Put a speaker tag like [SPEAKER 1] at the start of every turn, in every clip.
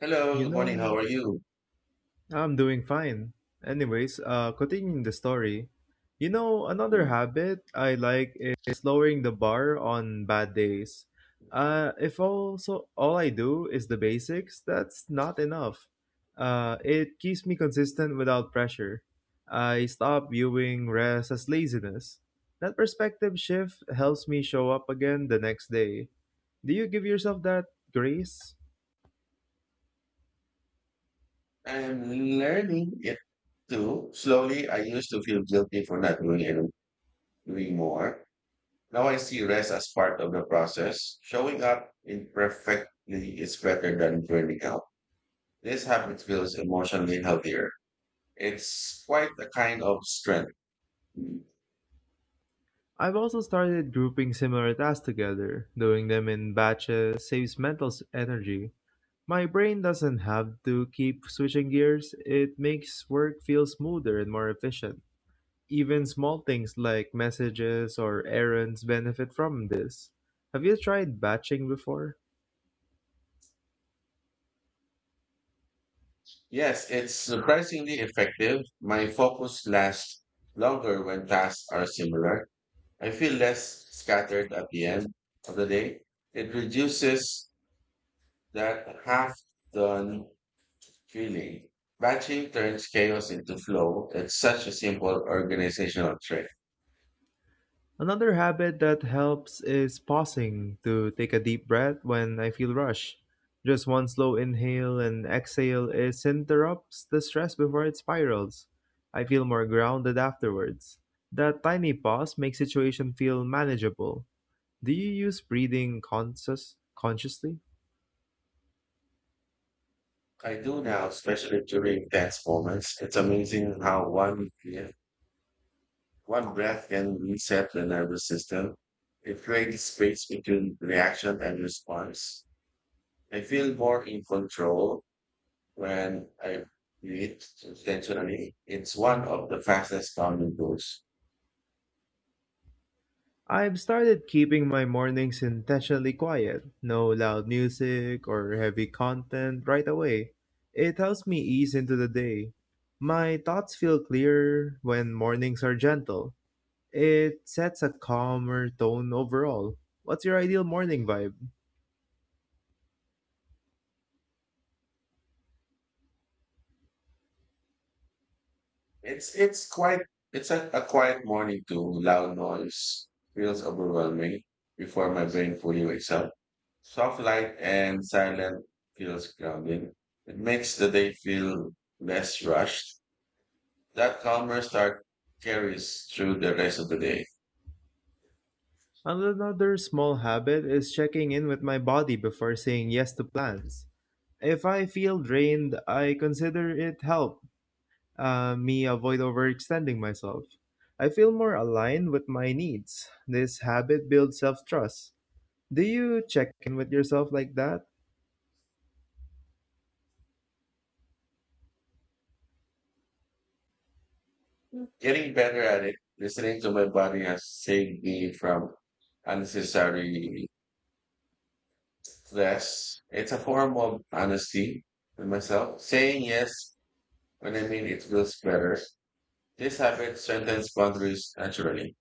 [SPEAKER 1] Hello,
[SPEAKER 2] You
[SPEAKER 1] good morning.
[SPEAKER 2] know,
[SPEAKER 1] How are you?
[SPEAKER 2] I'm doing fine. Anyways, continuing the story, another
[SPEAKER 1] Mm.
[SPEAKER 2] habit I like is lowering the bar on bad days. If also all I do is the basics, that's not enough. It keeps me consistent without pressure. I stop viewing rest as laziness. That perspective shift helps me show up again the next day. Do you give yourself that grace?
[SPEAKER 1] I'm learning it too. Slowly, I used to feel guilty for not doing it, doing more. Now I see rest as part of the process. Showing up imperfectly is better than burning out. This habit feels emotionally healthier. It's quite a kind of strength. Mm.
[SPEAKER 2] I've also started grouping similar tasks together. Doing them in batches saves mental energy. My brain doesn't have to keep switching gears. It makes work feel smoother and more efficient. Even small things like messages or errands benefit from this. Have you tried batching before?
[SPEAKER 1] Yes, it's surprisingly effective. My focus lasts longer when tasks are similar. I feel less scattered at the end of the day. It reduces that half done feeling. Batching turns chaos into flow. It's such a simple organizational trick.
[SPEAKER 2] Another habit that helps is pausing to take a deep breath when I feel rushed. Just one slow inhale and exhale is interrupts the stress before it spirals. I feel more grounded afterwards. That tiny pause makes situation feel manageable. Do you use breathing consciously?
[SPEAKER 1] I do now, especially during tense moments. It's amazing how one breath can reset the nervous system. It creates space between reaction and response. I feel more in control when I read intentionally. It's one of the fastest calming tools.
[SPEAKER 2] I've started keeping my mornings intentionally quiet, no loud music or heavy content right away. It helps me ease into the day. My thoughts feel clearer when mornings are gentle. It sets a calmer tone overall. What's your ideal morning vibe?
[SPEAKER 1] It's it's quite it's a quiet morning too. Loud noise feels overwhelming before my brain fully wakes up. Soft light and silent feels grounding. It makes the day feel less rushed. That calmer start carries through the rest of the day.
[SPEAKER 2] Another small habit is checking in with my body before saying yes to plans. If I feel drained, I consider it help me avoid overextending myself. I feel more aligned with my needs. This habit builds self trust. Do you check in with yourself like that?
[SPEAKER 1] Getting better at it, listening to my body has saved me from unnecessary. Yes, it's a form of honesty with myself. Saying yes when I mean it feels better. This habit strengthens boundaries naturally.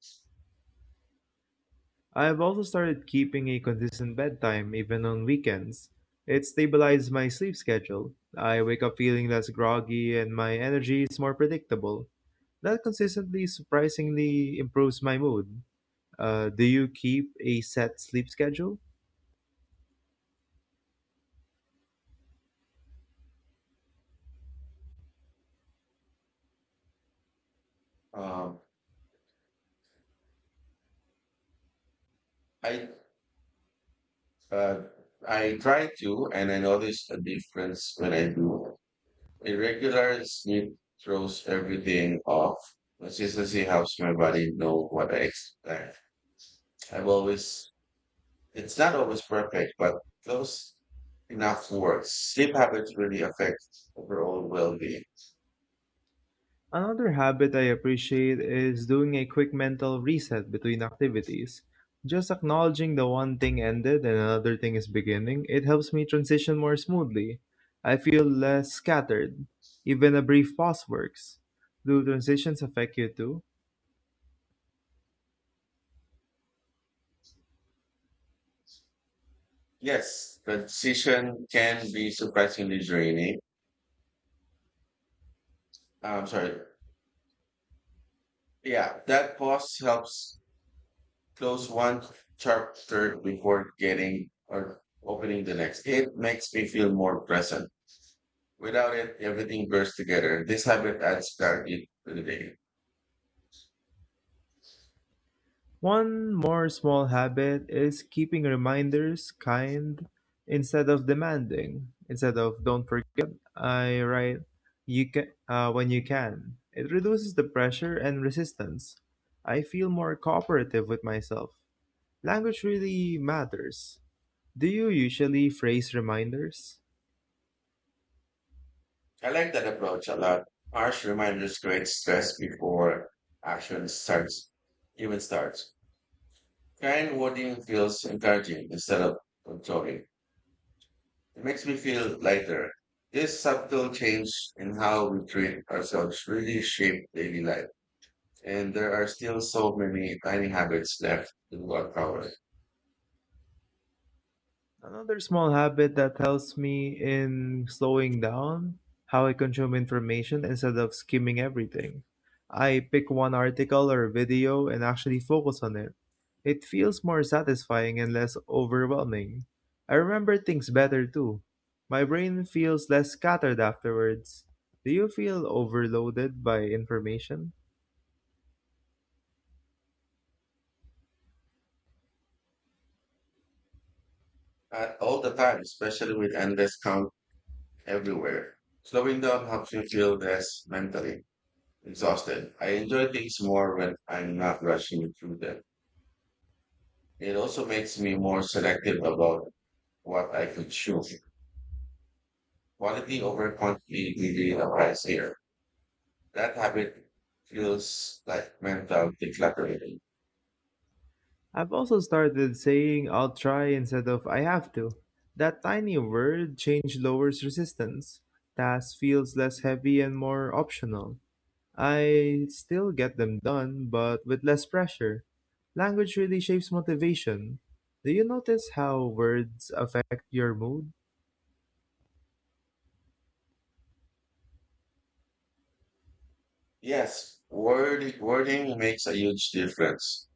[SPEAKER 2] I've also started keeping a consistent bedtime, even on weekends. It stabilizes my sleep schedule. I wake up feeling less groggy and my energy is more predictable. That consistently surprisingly improves my mood. Do you keep a set sleep schedule?
[SPEAKER 1] Um, I uh, I try to, and I notice a difference when I do. Irregular sleep throws everything off. Consistency helps my body know what I expect. I've always, it's not always perfect, but those enough words. Sleep habits really affect overall well-being.
[SPEAKER 2] Another habit I appreciate is doing a quick mental reset between activities. Just acknowledging the one thing ended and another thing is beginning, it helps me transition more smoothly. I feel less scattered. Even a brief pause works. Do transitions affect you too?
[SPEAKER 1] Yes, transition can be surprisingly draining. I'm sorry. Yeah, that pause helps close one chapter before getting or opening the next. It makes me feel more present. Without it, everything bursts together. This habit adds clarity to the day.
[SPEAKER 2] One more small habit is keeping reminders kind instead of demanding. Instead of don't forget, I write you can when you can. It reduces the pressure and resistance. I feel more cooperative with myself. Language really matters. Do you usually phrase reminders?
[SPEAKER 1] I like that approach a lot. Harsh reminders create stress before action starts, even starts. Kind wording feels encouraging instead of controlling. It makes me feel lighter. This subtle change in how we treat ourselves really shape daily life. And there are still so many tiny habits left to uncover.
[SPEAKER 2] Another small habit that helps me in slowing down how I consume information instead of skimming everything. I pick one article or video and actually focus on it. It feels more satisfying and less overwhelming. I remember things better too. My brain feels less scattered afterwards. Do you feel overloaded by information?
[SPEAKER 1] At all the time, especially with endless count everywhere. Slowing down helps me feel less mentally exhausted. I enjoy things more when I'm not rushing through them. It also makes me more selective about what I consume. Quality over quantity really applies here. That habit feels like mental decluttering.
[SPEAKER 2] I've also started saying I'll try instead of I have to. That tiny word change lowers resistance. Task feels less heavy and more optional. I still get them done, but with less pressure. Language really shapes motivation. Do you notice how words affect your mood?
[SPEAKER 1] Yes, wording makes a huge difference.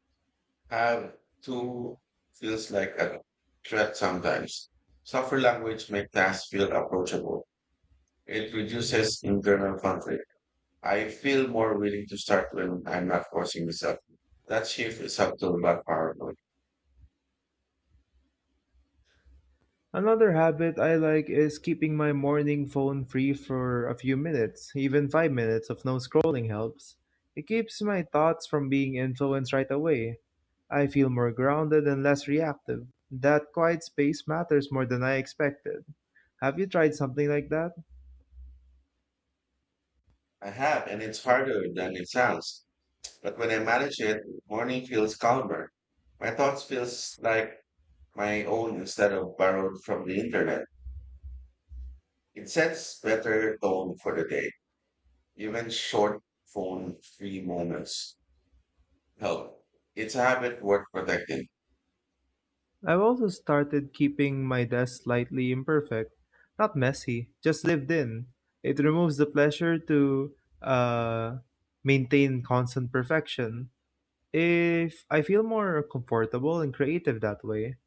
[SPEAKER 1] Have to feels like a threat sometimes. Softer language makes tasks feel approachable. It reduces internal conflict. I feel more willing to start when I'm not forcing myself. That shift is subtle but powerful.
[SPEAKER 2] Another habit I like is keeping my morning phone free for a few minutes. Even 5 minutes of no scrolling helps. It keeps my thoughts from being influenced right away. I feel more grounded and less reactive. That quiet space matters more than I expected. Have you tried something like that?
[SPEAKER 1] I have, and it's harder than it sounds. But when I manage it, morning feels calmer. My thoughts feels like my own instead of borrowed from the internet. It sets better tone for the day. Even short phone free moments help. It's a habit worth protecting.
[SPEAKER 2] I've also started keeping my desk slightly imperfect. Not messy, just lived in. It removes the pleasure to uh, maintain constant perfection. If I feel more comfortable and creative that way,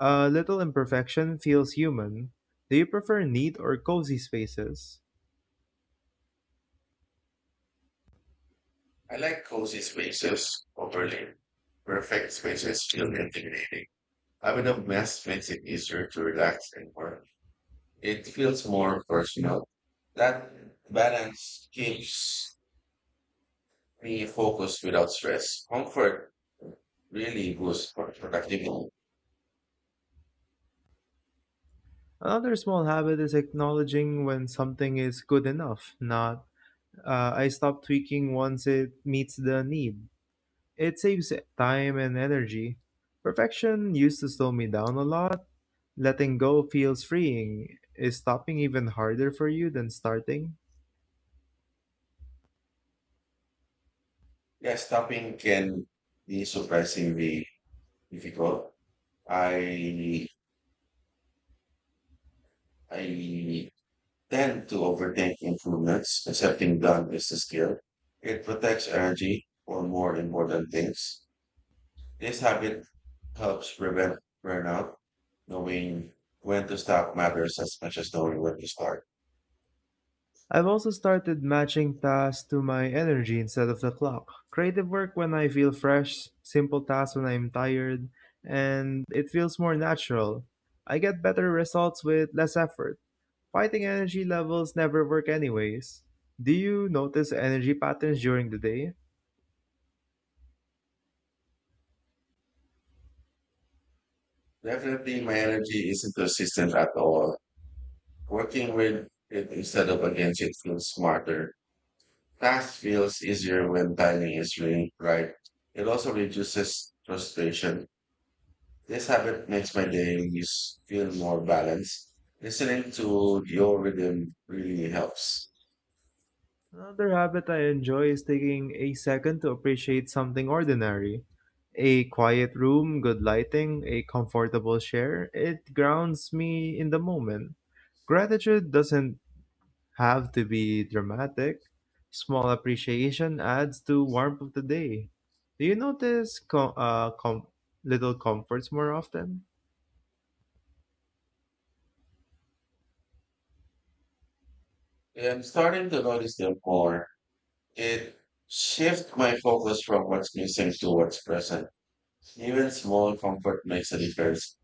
[SPEAKER 2] a little imperfection feels human. Do you prefer neat or cozy spaces?
[SPEAKER 1] I like cozy spaces. Overly perfect spaces feel intimidating. Having a mess makes it easier to relax and work. It feels more personal. That balance keeps me focused without stress. Comfort really boosts productivity.
[SPEAKER 2] Another small habit is acknowledging when something is good enough, not I stop tweaking once it meets the need. It saves time and energy. Perfection used to slow me down a lot. Letting go feels freeing. Is stopping even harder for you than starting?
[SPEAKER 1] Yeah, stopping can be surprisingly difficult. I I tend to overthink improvements. Accepting done is a skill. It protects energy for more important things. This habit helps prevent burnout. Knowing when to stop matters as much as knowing when to start.
[SPEAKER 2] I've also started matching tasks to my energy instead of the clock. Creative work when I feel fresh, simple tasks when I'm tired, and it feels more natural. I get better results with less effort. Fighting energy levels never work anyways. Do you notice energy patterns during the day?
[SPEAKER 1] Definitely, my energy isn't consistent at all. Working with it instead of against it feels smarter. Task feels easier when timing is really right. It also reduces frustration. This habit makes my days feel more balanced. Listening to your rhythm really helps.
[SPEAKER 2] Another habit I enjoy is taking a second to appreciate something ordinary. A quiet room, good lighting, a comfortable chair, it grounds me in the moment. Gratitude doesn't have to be dramatic. Small appreciation adds to warmth of the day. Do you notice little comforts more often?
[SPEAKER 1] I'm starting to notice them more. It shifts my focus from what's missing to what's present. Even small comfort makes a difference.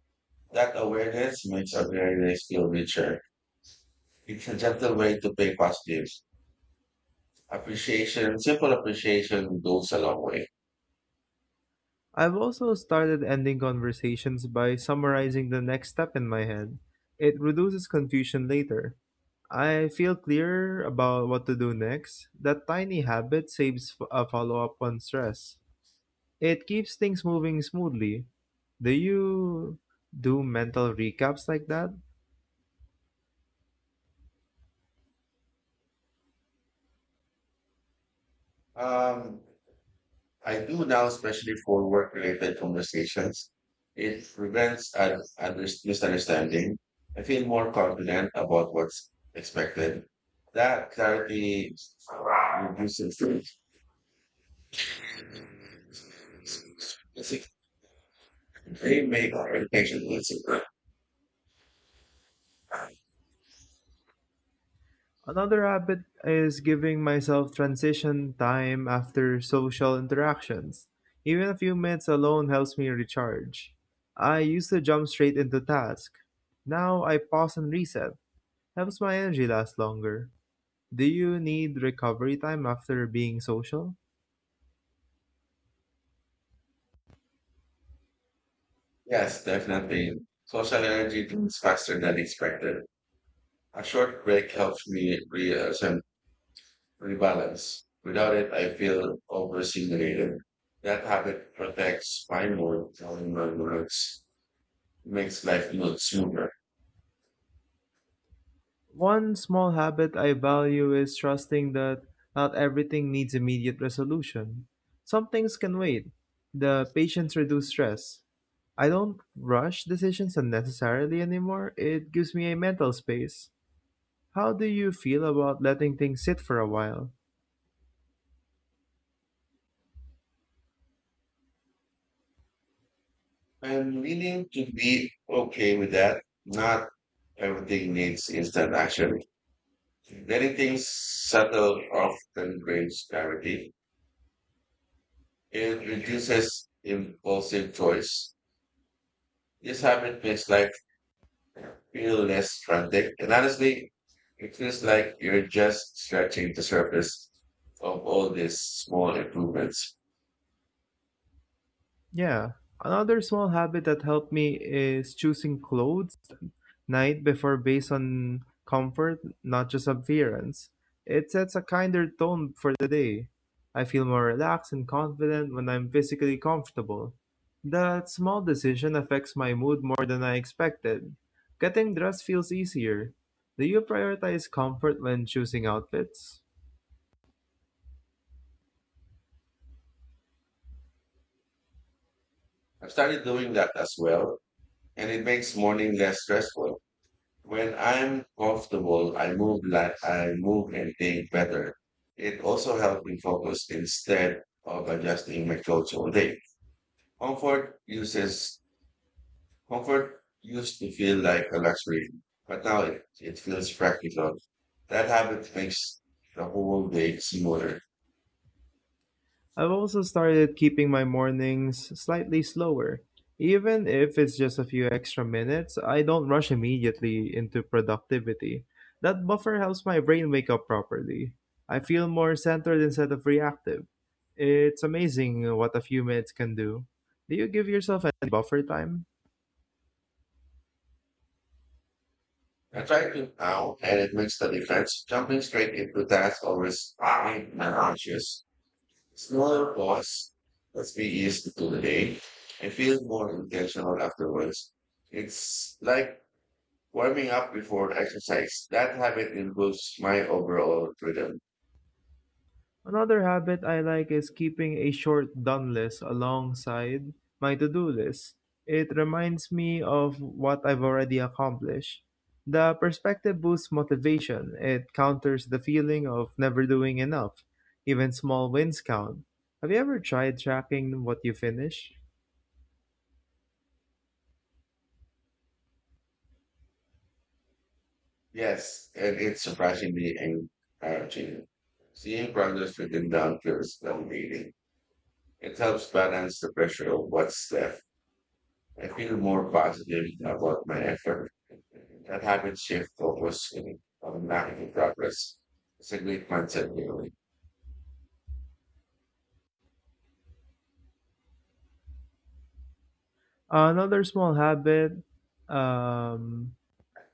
[SPEAKER 1] That awareness makes our days feel richer. It's a gentle way to pay positive appreciation. Simple appreciation goes a long way.
[SPEAKER 2] I've also started ending conversations by summarizing the next step in my head. It reduces confusion later. I feel clearer about what to do next. That tiny habit saves a follow up on stress. It keeps things moving smoothly. Do you do mental recaps like that?
[SPEAKER 1] Um, I do now, especially for work-related conversations. It prevents misunderstanding. I feel more confident about what's expected. That clarity reduces they make communication easier.
[SPEAKER 2] Another habit is giving myself transition time after social interactions. Even a few minutes alone helps me recharge. I used to jump straight into task. Now I pause and reset. Helps my energy last longer. Do you need recovery time after being social?
[SPEAKER 1] Yes, definitely. Social energy comes faster than expected. A short break helps me reassemble rebalance. Without it, I feel overstimulated. That habit protects my mood and my words. It makes life look smoother.
[SPEAKER 2] One small habit I value is trusting that not everything needs immediate resolution. Some things can wait. The patience reduces stress. I don't rush decisions unnecessarily anymore. It gives me a mental space. How do you feel about letting things sit for a while?
[SPEAKER 1] I'm willing to be okay with that. Not everything needs instant action. Letting things settle often brings clarity. It reduces impulsive choice. This habit makes life feel less frantic. And honestly, it feels like you're just scratching the surface of all these small improvements.
[SPEAKER 2] Yeah. Another small habit that helped me is choosing clothes night before based on comfort, not just appearance. It sets a kinder tone for the day. I feel more relaxed and confident when I'm physically comfortable. That small decision affects my mood more than I expected. Getting dressed feels easier. Do you prioritize comfort when choosing outfits?
[SPEAKER 1] I've started doing that as well, and it makes morning less stressful. When I'm comfortable, I move and think better. It also helps me focus instead of adjusting my clothes all day. Comfort uses Comfort used to feel like a luxury, but now it feels practical. That habit makes the whole day smoother.
[SPEAKER 2] I've also started keeping my mornings slightly slower. Even if it's just a few extra minutes, I don't rush immediately into productivity. That buffer helps my brain wake up properly. I feel more centered instead of reactive. It's amazing what a few minutes can do. Do you give yourself any buffer time?
[SPEAKER 1] I try to now, and it makes the difference. Jumping straight into tasks always I'm anxious. Smaller pause lets me ease into the day and feel more intentional afterwards. It's like warming up before exercise. That habit improves my overall rhythm.
[SPEAKER 2] Another habit I like is keeping a short done list alongside my to-do list. It reminds me of what I've already accomplished. The perspective boosts motivation. It counters the feeling of never doing enough. Even small wins count. Have you ever tried tracking what you finish?
[SPEAKER 1] Yes, and it's surprisingly encouraging. Seeing progress within the feels meeting. It helps balance the pressure of what's left. I feel more positive about my effort. That habit shift focus on making progress. It's a great mindset, really.
[SPEAKER 2] Another small habit um,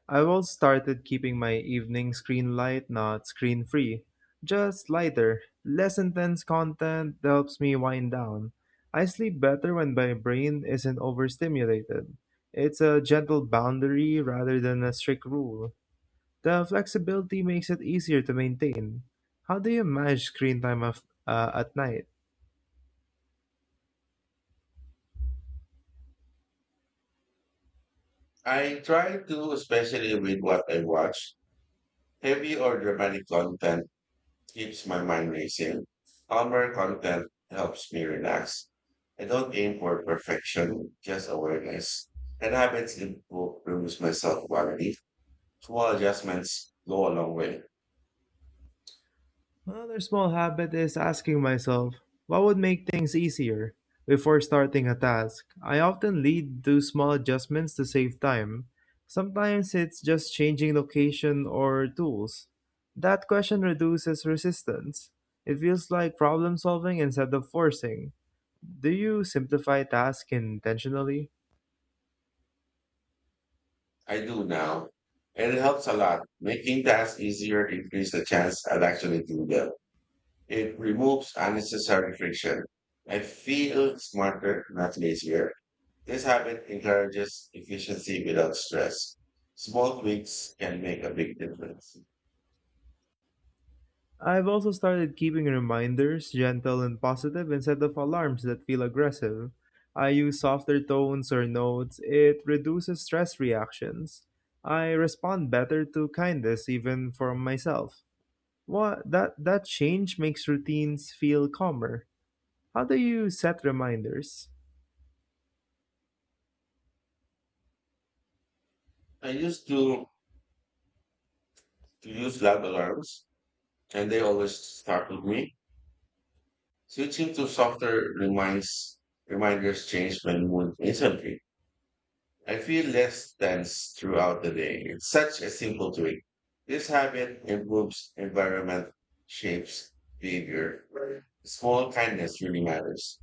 [SPEAKER 2] I've also started keeping my evening screen light, not screen free. Just lighter, less intense content helps me wind down. I sleep better when my brain isn't overstimulated. It's a gentle boundary rather than a strict rule. The flexibility makes it easier to maintain. How do you manage screen time at night?
[SPEAKER 1] I try to, especially with what I watch, heavy or dramatic content keeps my mind racing. Calmer content helps me relax. I don't aim for perfection, just awareness. And habits improve improves my self-quality. Small adjustments go a long way.
[SPEAKER 2] Another small habit is asking myself, what would make things easier? Before starting a task, I often lead to small adjustments to save time. Sometimes it's just changing location or tools. That question reduces resistance. It feels like problem solving instead of forcing. Do you simplify tasks intentionally?
[SPEAKER 1] I do now. And it helps a lot. Making tasks easier increases the chance I'll actually do them. It removes unnecessary friction. I feel smarter, not lazier. This habit encourages efficiency without stress. Small tweaks can make a big difference.
[SPEAKER 2] I've also started keeping reminders, gentle and positive, instead of alarms that feel aggressive. I use softer tones or notes. It reduces stress reactions. I respond better to kindness even from myself. What that change makes routines feel calmer. How do you set reminders?
[SPEAKER 1] I used to use loud alarms and they always startled me. Switching to reminders change my mood instantly. I feel less tense throughout the day. It's such a simple tweak. This habit improves environment, shapes behavior. Small kindness really matters.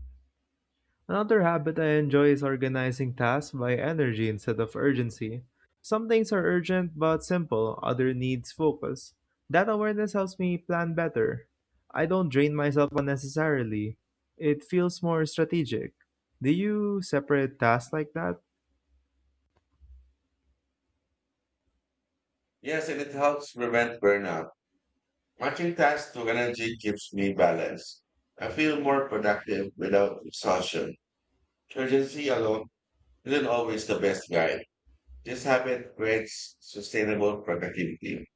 [SPEAKER 2] Another habit I enjoy is organizing tasks by energy instead of urgency. Some things are urgent but simple, other needs focus. That awareness helps me plan better. I don't drain myself unnecessarily. It feels more strategic. Do you separate tasks like that?
[SPEAKER 1] Yes, and it helps prevent burnout. Watching tasks to energy keeps me balanced. I feel more productive without exhaustion. Urgency alone isn't always the best guide. This habit creates sustainable productivity.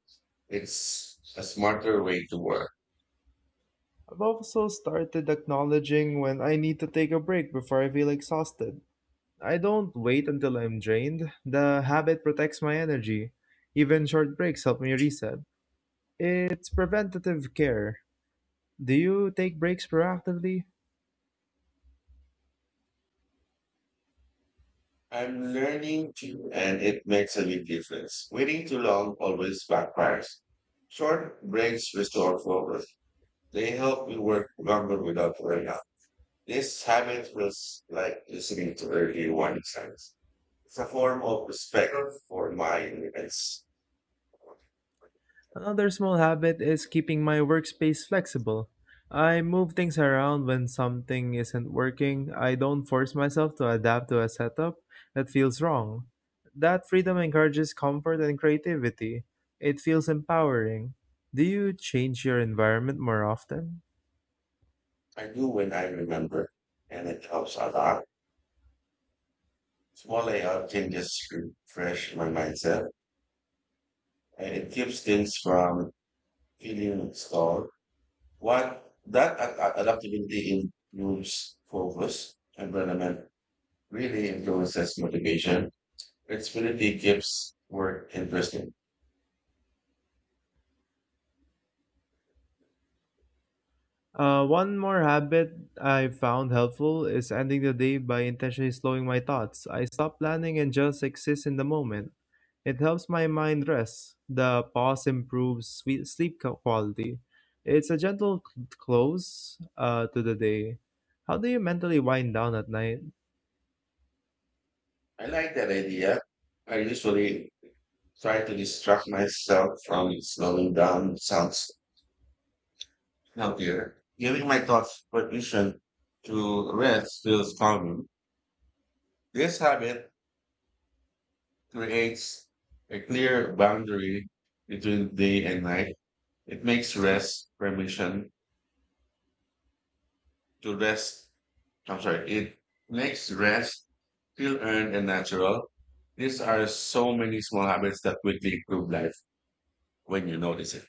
[SPEAKER 1] It's a smarter way to work.
[SPEAKER 2] I've also started acknowledging when I need to take a break before I feel exhausted. I don't wait until I'm drained. The habit protects my energy. Even short breaks help me reset. It's preventative care. Do you take breaks proactively?
[SPEAKER 1] I'm learning to, and it makes a big difference. Waiting too long always backfires. Short breaks restore focus. They help me work longer without burnout. This habit feels like listening to early warning signs. It's a form of respect for my independence.
[SPEAKER 2] Another small habit is keeping my workspace flexible. I move things around when something isn't working. I don't force myself to adapt to a setup that feels wrong. That freedom encourages comfort and creativity. It feels empowering. Do you change your environment more often?
[SPEAKER 1] I do when I remember, and it helps a lot. Small layout changes refresh my mindset, and it keeps things from feeling stalled. What that adaptability improves focus, environment really influences motivation. Flexibility keeps work interesting.
[SPEAKER 2] One more habit I found helpful is ending the day by intentionally slowing my thoughts. I stop planning and just exist in the moment. It helps my mind rest. The pause improves quality. It's a gentle close to the day. How do you mentally wind down at night?
[SPEAKER 1] I like that idea. I usually try to distract myself from slowing down sounds healthier. Giving my thoughts permission to rest feels calming. This habit creates a clear boundary between day and night. It makes rest permission to rest. I'm sorry, it makes rest feel earned and natural. These are so many small habits that quickly improve life when you notice it.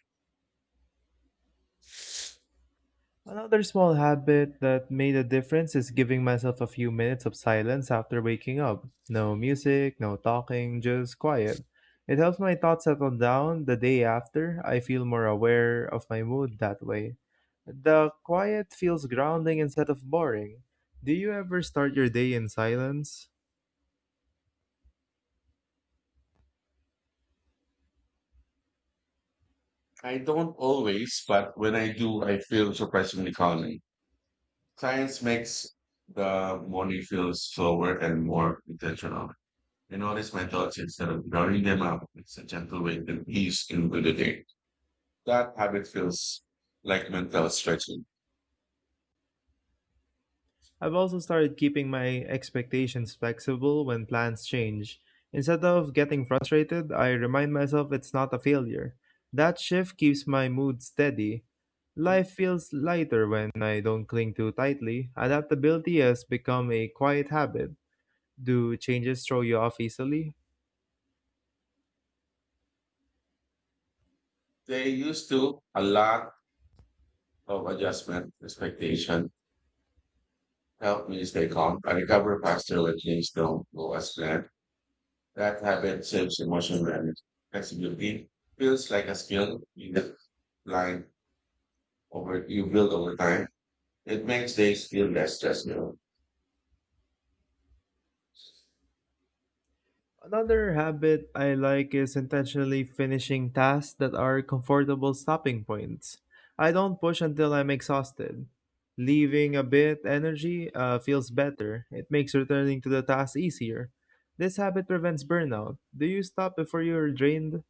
[SPEAKER 2] Another small habit that made a difference is giving myself a few minutes of silence after waking up. No music, no talking, just quiet. It helps my thoughts settle down the day after. I feel more aware of my mood that way. The quiet feels grounding instead of boring. Do you ever start your day in silence?
[SPEAKER 1] I don't always, but when I do, I feel surprisingly calming. Science makes the morning feel slower and more intentional. I notice my thoughts instead of drowning them out. It's a gentle way to ease into the day. That habit feels like mental stretching.
[SPEAKER 2] I've also started keeping my expectations flexible when plans change. Instead of getting frustrated, I remind myself it's not a failure. That shift keeps my mood steady. Life feels lighter when I don't cling too tightly. Adaptability has become a quiet habit. Do changes throw you off easily?
[SPEAKER 1] They used to a lot of adjustment, expectation, help me stay calm. I recover faster when things don't go as planned. That habit saves emotional management. Flexibility feels like a skill in the line over you build over time. It makes days feel less stressful.
[SPEAKER 2] Another habit I like is intentionally finishing tasks that are comfortable stopping points. I don't push until I'm exhausted. Leaving a bit energy feels better. It makes returning to the task easier. This habit prevents burnout. Do you stop before you're drained?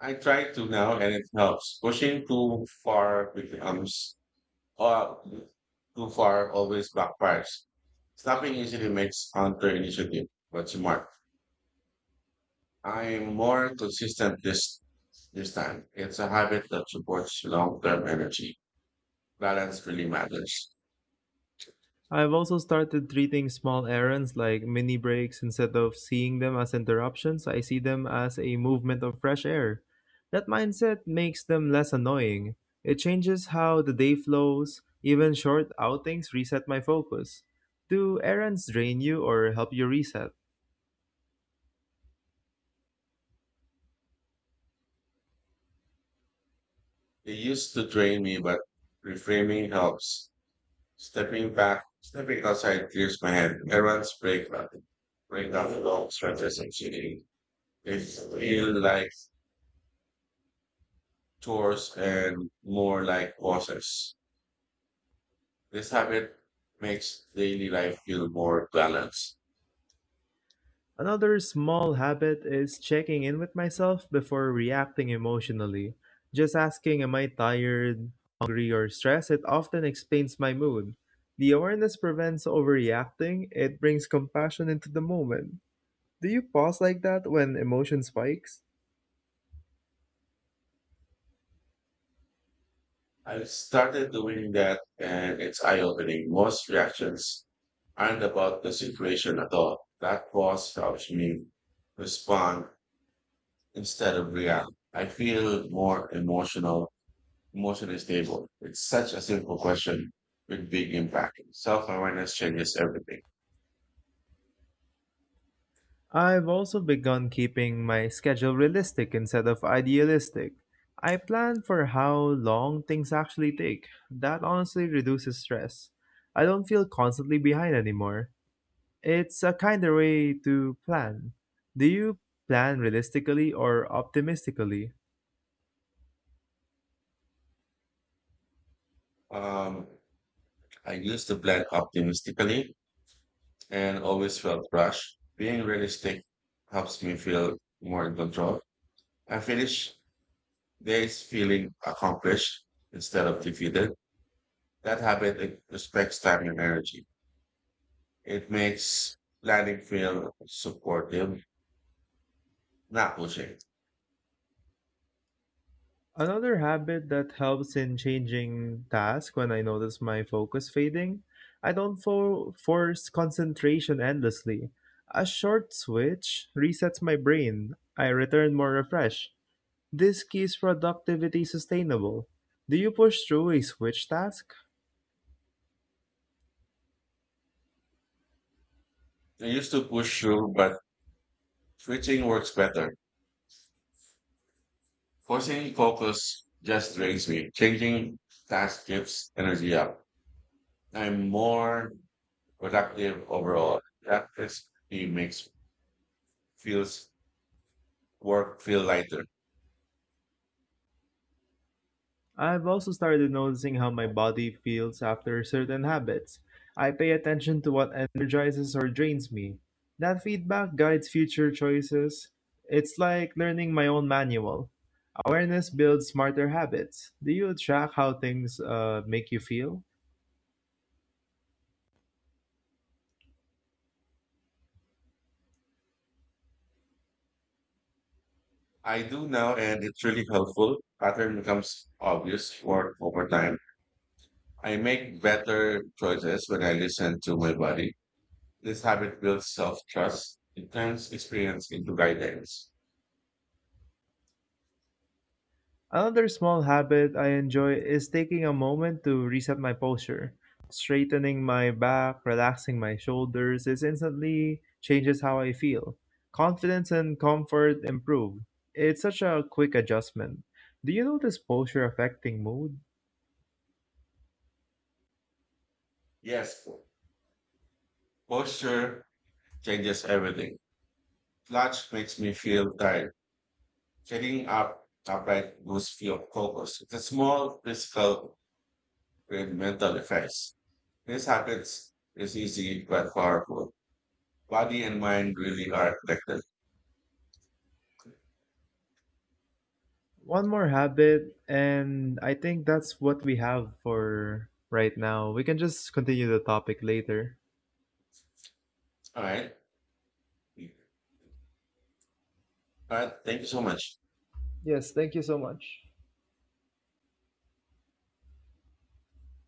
[SPEAKER 1] I try to now and it helps. Pushing uh, too far always backfires. Stopping usually makes counter initiative, but smart. I'm more consistent this time. It's a habit that supports long term energy. Balance really matters.
[SPEAKER 2] I've also started treating small errands like mini breaks instead of seeing them as interruptions. I see them as a movement of fresh air. That mindset makes them less annoying. It changes how the day flows. Even short outings reset my focus. Do errands drain you or help you reset?
[SPEAKER 1] It used to drain me, but reframing helps. Stepping back, stepping outside clears my head. Break up long stretches of sitting. They feel like chores and more like pauses. This habit makes daily life feel more balanced.
[SPEAKER 2] Another small habit is checking in with myself before reacting emotionally. Just asking, am I tired, hungry, or stressed? It often explains my mood. The awareness prevents overreacting. It brings compassion into the moment. Do you pause like that when emotion spikes?
[SPEAKER 1] I started doing that and it's eye-opening. Most reactions aren't about the situation at all. That pause helps me respond instead of react. I feel more emotional emotionally stable. It's such a simple question with big impact. Self awareness changes everything.
[SPEAKER 2] I've also begun keeping my schedule realistic instead of idealistic. I plan for how long things actually take. That honestly reduces stress. I don't feel constantly behind anymore. It's a kinder way to plan. Do you plan realistically or optimistically?
[SPEAKER 1] Um, I used to plan optimistically and always felt rushed. Being realistic helps me feel more in control. I finish days feeling accomplished instead of defeated. That habit it respects time and energy. It makes planning feel supportive, not pushing.
[SPEAKER 2] Another habit that helps in changing task when I notice my focus fading, I don't force concentration endlessly. A short switch resets my brain. I return more refreshed. This keeps productivity sustainable. Do you push through a switch task?
[SPEAKER 1] I used to push through, but switching works better. Forcing focus just drains me. Changing task gives energy up. I'm more productive overall. That crispy makes feels work feel lighter.
[SPEAKER 2] I've also started noticing how my body feels after certain habits. I pay attention to what energizes or drains me. That feedback guides future choices. It's like learning my own manual. Awareness builds smarter habits. Do you track how things make you feel?
[SPEAKER 1] I do now, and it's really helpful. Pattern becomes obvious work over time. I make better choices when I listen to my body. This habit builds self trust. It turns experience into guidance.
[SPEAKER 2] Another small habit I enjoy is taking a moment to reset my posture. Straightening my back, relaxing my shoulders, it instantly changes how I feel. Confidence and comfort improve. It's such a quick adjustment. Do you notice posture affecting mood?
[SPEAKER 1] Yes, posture changes everything. Slouch makes me feel tired. Sitting up upright lose fear of focus. It's a small physical and mental effects. This happens is easy but powerful. Body and mind really are connected.
[SPEAKER 2] One more habit, and I think that's what we have for right now. We can just continue the topic later.
[SPEAKER 1] All right. All right. Thank you so much.
[SPEAKER 2] Yes, thank you so much.